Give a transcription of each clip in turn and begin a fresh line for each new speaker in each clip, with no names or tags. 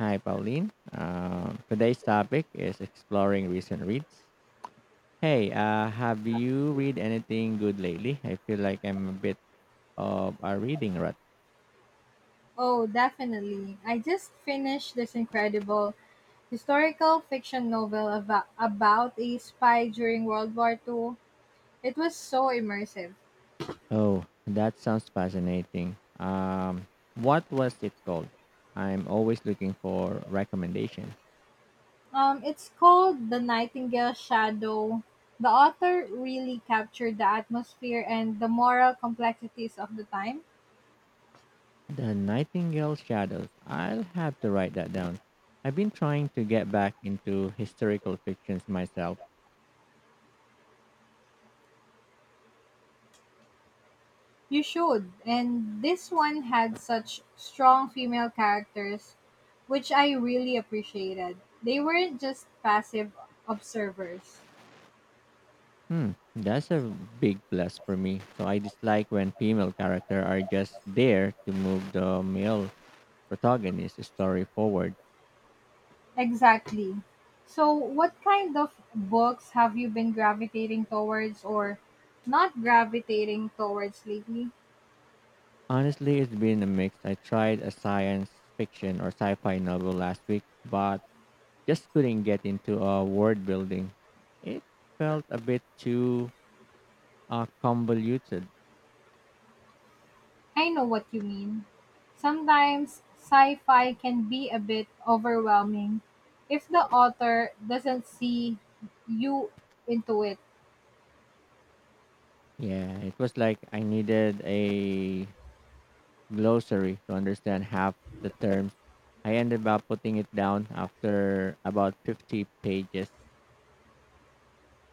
Hi, Pauline. Today's topic is exploring recent reads. Hey, have you read anything good lately? I feel like I'm a bit of a reading rut.
Oh, definitely. I just finished this incredible historical fiction novel about a spy during World War Two. It was so immersive.
Oh, that sounds fascinating. What was it called? I'm always looking for recommendation.
It's called The Nightingale Shadow. The author really captured the atmosphere and the moral complexities of the time.
The Nightingale Shadows. I'll have to write that down. I've been trying to get back into historical fictions myself.
You should. And this one had such strong female characters, which I really appreciated. They weren't just passive observers.
Hmm, that's a big plus for me. So I dislike when female character are just there to move the male protagonist story forward.
Exactly. So, what kind of books have you been gravitating towards or not gravitating towards lately?
Honestly, it's been a mix. I tried a science fiction or sci-fi novel last week, but just couldn't get into a world building. It felt a bit too convoluted.
I know what you mean. Sometimes sci fi can be a bit overwhelming if the author doesn't see you into it.
Yeah, it was like I needed a glossary to understand half the terms. I ended up putting it down after about 50 pages.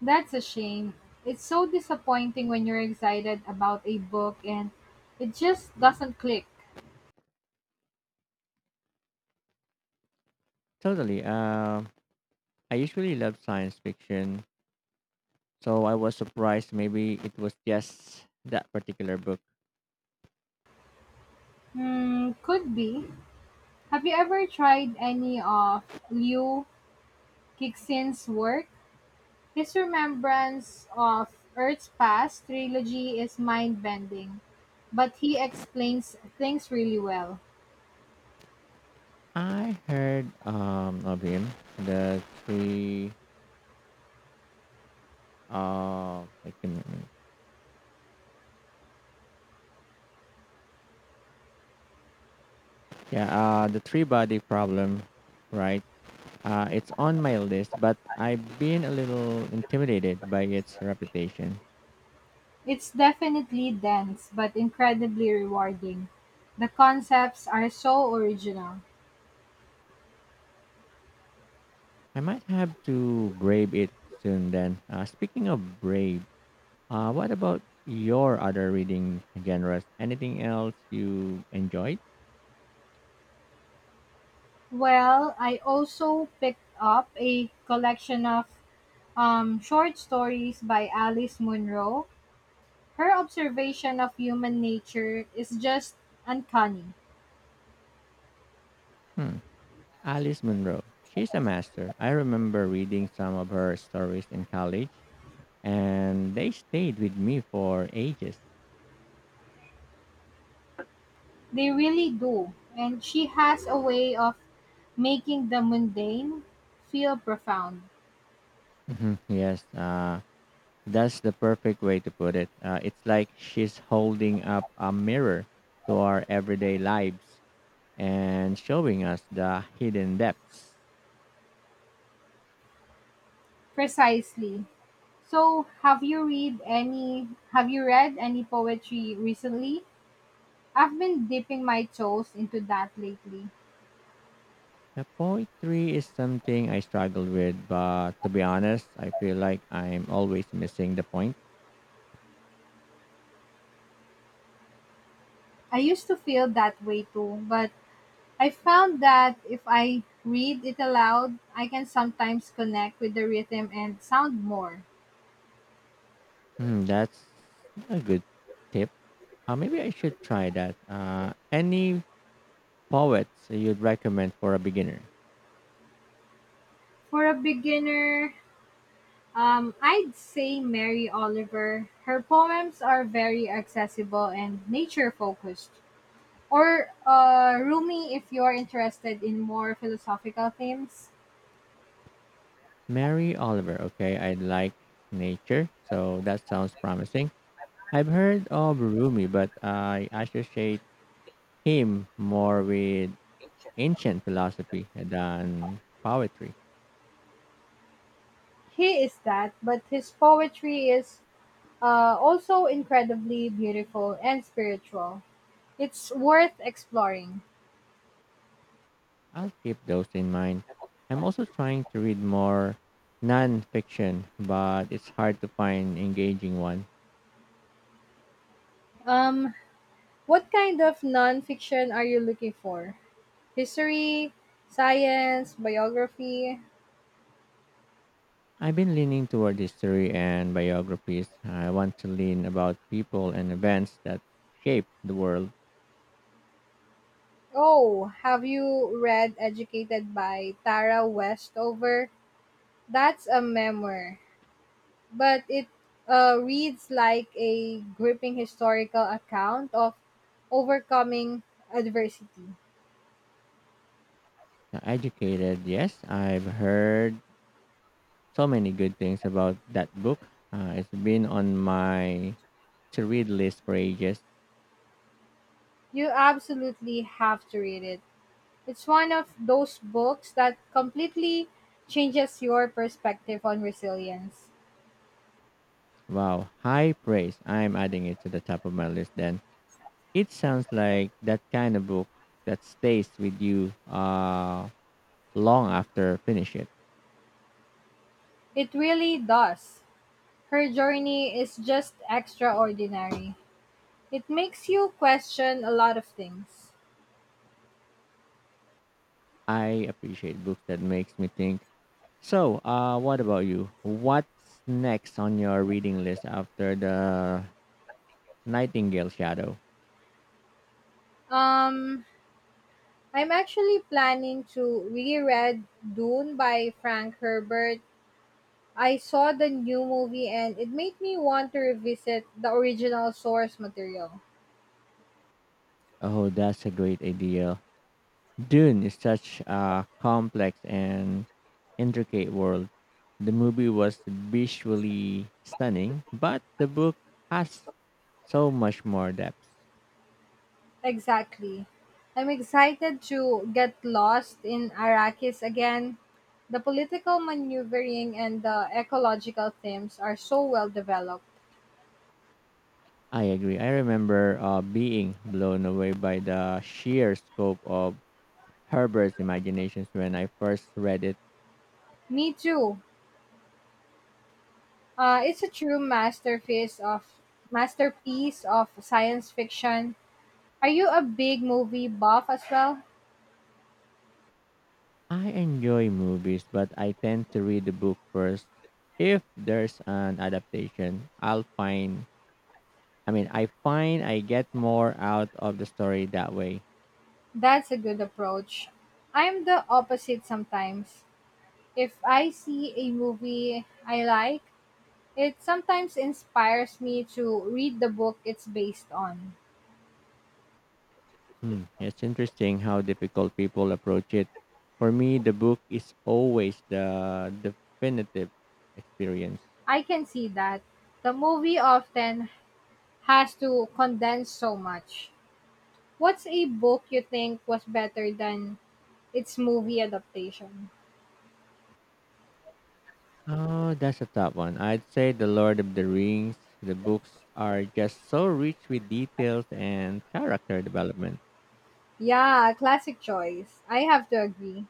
That's a shame. It's so disappointing when you're excited about a book and it just doesn't click.
Totally. I usually love science fiction, so I was surprised maybe it was just that particular book.
Hmm, could be. Have you ever tried any of Liu Cixin's work? His remembrance of Earth's Past trilogy is mind-bending, but he explains things really well.
I heard of him, the three I can, yeah the three body problem, right? It's on my list, but I've been a little intimidated by its reputation.
It's definitely dense, but incredibly rewarding. The concepts are so original.
I might have to brave it soon then. Speaking of brave, what about your other reading genres? Anything else you enjoyed?
Well, I also picked up a collection of short stories by Alice Munro. Her observation of human nature is just uncanny.
Hmm. Alice Munro. She's a master. I remember reading some of her stories in college, and they stayed with me for ages.
They really do. And she has a way of making the mundane feel profound.
Mhm. Yes, that's the perfect way to put it. It's like she's holding up a mirror to our everyday lives and showing us the hidden depths.
Precisely. So, have you read any poetry recently? I've been dipping my toes into that lately.
The poetry is something I struggle with, but to be honest, I feel like I'm always missing the point.
I used to feel that way too, but I found that if I read it aloud, I can sometimes connect with the rhythm and sound more.
Hmm, that's a good tip. Maybe I should try that. Any poets you'd recommend for a beginner?
For a beginner, I'd say Mary Oliver. Her poems are very accessible and nature focused. Or Rumi, if you're interested in more philosophical themes.
Mary Oliver. Okay, I like nature, so that sounds promising. I've heard of Rumi, but I associate him more with ancient philosophy than poetry.
He is that, but his poetry is also incredibly beautiful and spiritual. It's worth exploring.
I'll keep those in mind. I'm also trying to read more nonfiction, but it's hard to find engaging one.
Um, what kind of nonfiction are you looking for? History, science, biography?
I've been leaning toward history and biographies. I want to learn about people and events that shape the world.
Oh, have you read Educated by Tara Westover? That's a memoir, but it reads like a gripping historical account of overcoming adversity.
Educated, yes, I've heard so many good things about that book. It's been on my to read list for ages.
You absolutely have to read it. It's one of those books that completely changes your perspective on resilience.
Wow, high praise. I'm adding it to the top of my list then. It sounds like that kind of book that stays with you long after finish it.
It really does. Her journey is just extraordinary. It makes you question a lot of things.
I appreciate books that makes me think. So, what about you? What's next on your reading list after the Nightingale Shadow?
Um, I'm actually planning to reread Dune by Frank Herbert. I saw the new movie and it made me want to revisit the original source material.
Oh, that's a great idea. Dune is such a complex and intricate world. The movie was visually stunning, but the book has so much more depth.
Exactly. I'm excited to get lost in Arrakis again. The political maneuvering and the ecological themes are so well developed.
I agree. I remember being blown away by the sheer scope of Herbert's imaginations when I first read it.
Me too. It's a true masterpiece of science fiction. Are you a big movie buff as well?
I enjoy movies, but I tend to read the book first. If there's an adaptation, I find I get more out of the story that way.
That's a good approach. I'm the opposite sometimes. If I see a movie I like, it sometimes inspires me to read the book it's based on.
Hmm. It's interesting how difficult people approach it. For me, the book is always the definitive experience.
I can see that. The movie often has to condense so much. What's a book you think was better than its movie adaptation?
Oh, that's a tough one. I'd say The Lord of the Rings. The books are just so rich with details and character development.
Yeah, classic choice. I have to agree.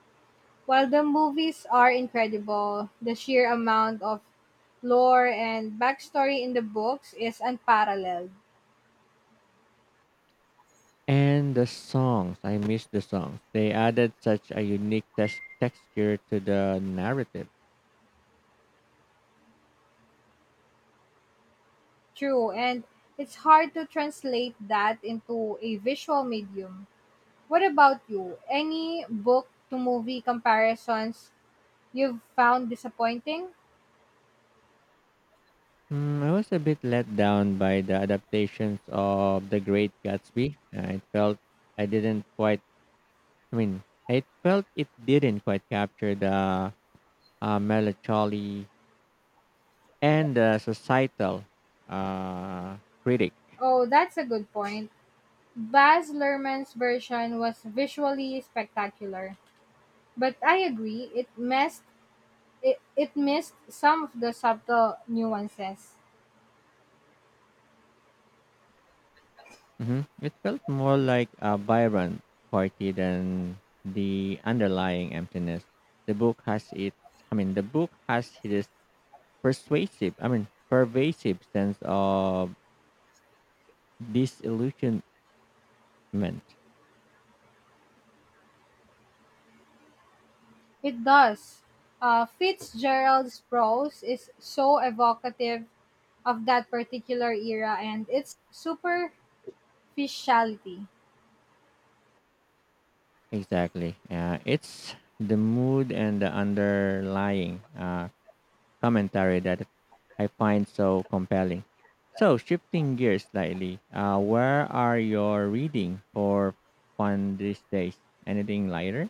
While the movies are incredible, the sheer amount of lore and backstory in the books is unparalleled.
And the songs, I miss the songs. They added such a unique texture to the narrative.
True, and it's hard to translate that into a visual medium. What about you? Any book to movie comparisons you've found disappointing?
Mm, I was a bit let down by the adaptations of The Great Gatsby. I didn't quite, I felt it didn't quite capture the melancholy and the societal uh, critic.
Oh, that's a good point. Baz Luhrmann's version was visually spectacular. But I agree, it missed some of the subtle nuances.
Hmm. It felt more like a Byron party than the underlying emptiness. The book has its, the book has this pervasive sense of disillusion meant
It does. Fitzgerald's prose is so evocative of that particular era and its superficiality.
exactly. It's the mood and the underlying commentary that I find so compelling. So shifting gears slightly, where are your reading for fun these days? Anything lighter?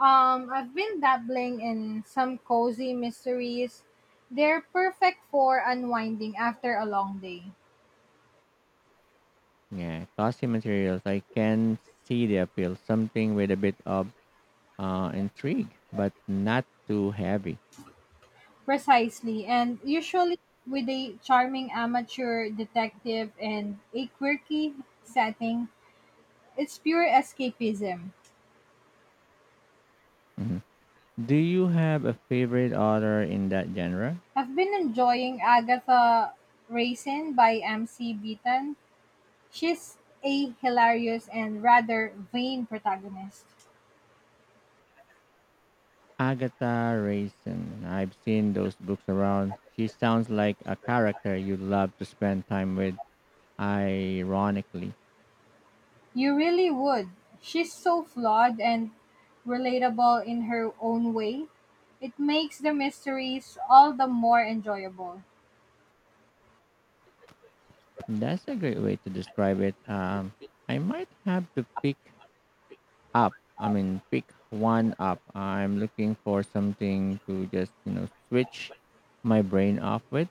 I've been dabbling in some cozy mysteries. They're perfect for unwinding after a long day.
Yeah, cozy materials, I can see the appeal. Something with a bit of intrigue but not too heavy.
Precisely, and usually with a charming amateur detective and a quirky setting. It's pure escapism.
Mhm. Do you have a favorite author in that genre?
I've been enjoying Agatha Raisin by M.C. Beaton. She's a hilarious and rather vain protagonist.
Agatha Raisin. I've seen those books around. She sounds like a character you'd love to spend time with, ironically.
You really would. She's so flawed and relatable in her own way. It makes the mysteries all the more enjoyable.
That's a great way to describe it. I might have to pick up, I mean, pick one up. I'm looking for something to just, you know, switch my brain off with.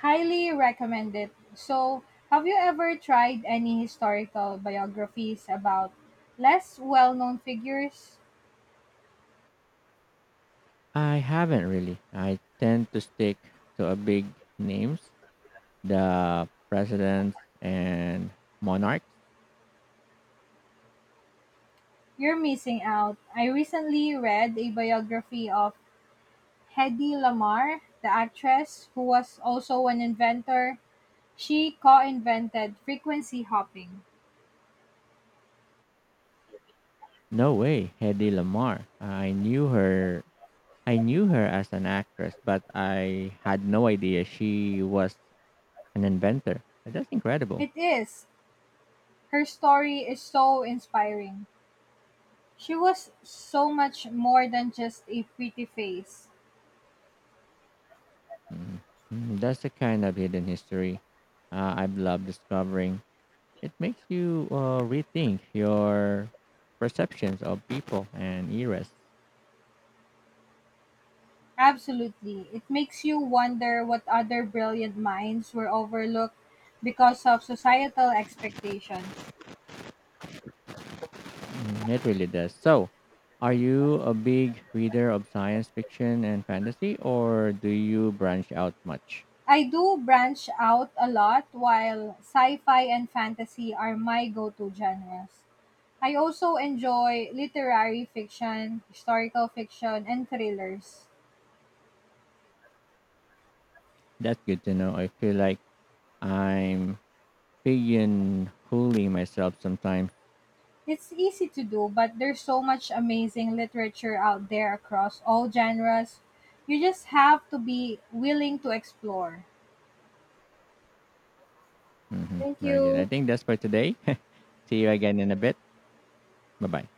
Highly recommend it. So, have you ever tried any historical biographies about less well known figures?
I haven't really. I tend to stick to a big names, the presidents and monarchs.
You're missing out. I recently read a biography of Hedy Lamarr, the actress who was also an inventor. She co-invented frequency hopping.
No way, Hedy Lamarr. I knew her as an actress, but I had no idea she was an inventor. That's incredible.
It is. Her story is so inspiring. She was so much more than just a pretty face.
Mm. Mm, that's the kind of hidden history I've loved discovering. It makes you rethink your perceptions of people and eras.
Absolutely. It makes you wonder what other brilliant minds were overlooked because of societal expectations.
Mm, it really does. So, are you a big reader of science fiction and fantasy, or do you branch out much?
I do branch out a lot while sci-fi and fantasy are my go-to genres. I also enjoy literary fiction, historical fiction, and thrillers.
That's good to know. I feel like I'm big and holy myself sometimes.
It's easy to do, but there's so much amazing literature out there across all genres. You just have to be willing to explore.
Hmm,
Thank
very good. I
you.
think that's for today. See you again in a bit. Bye bye.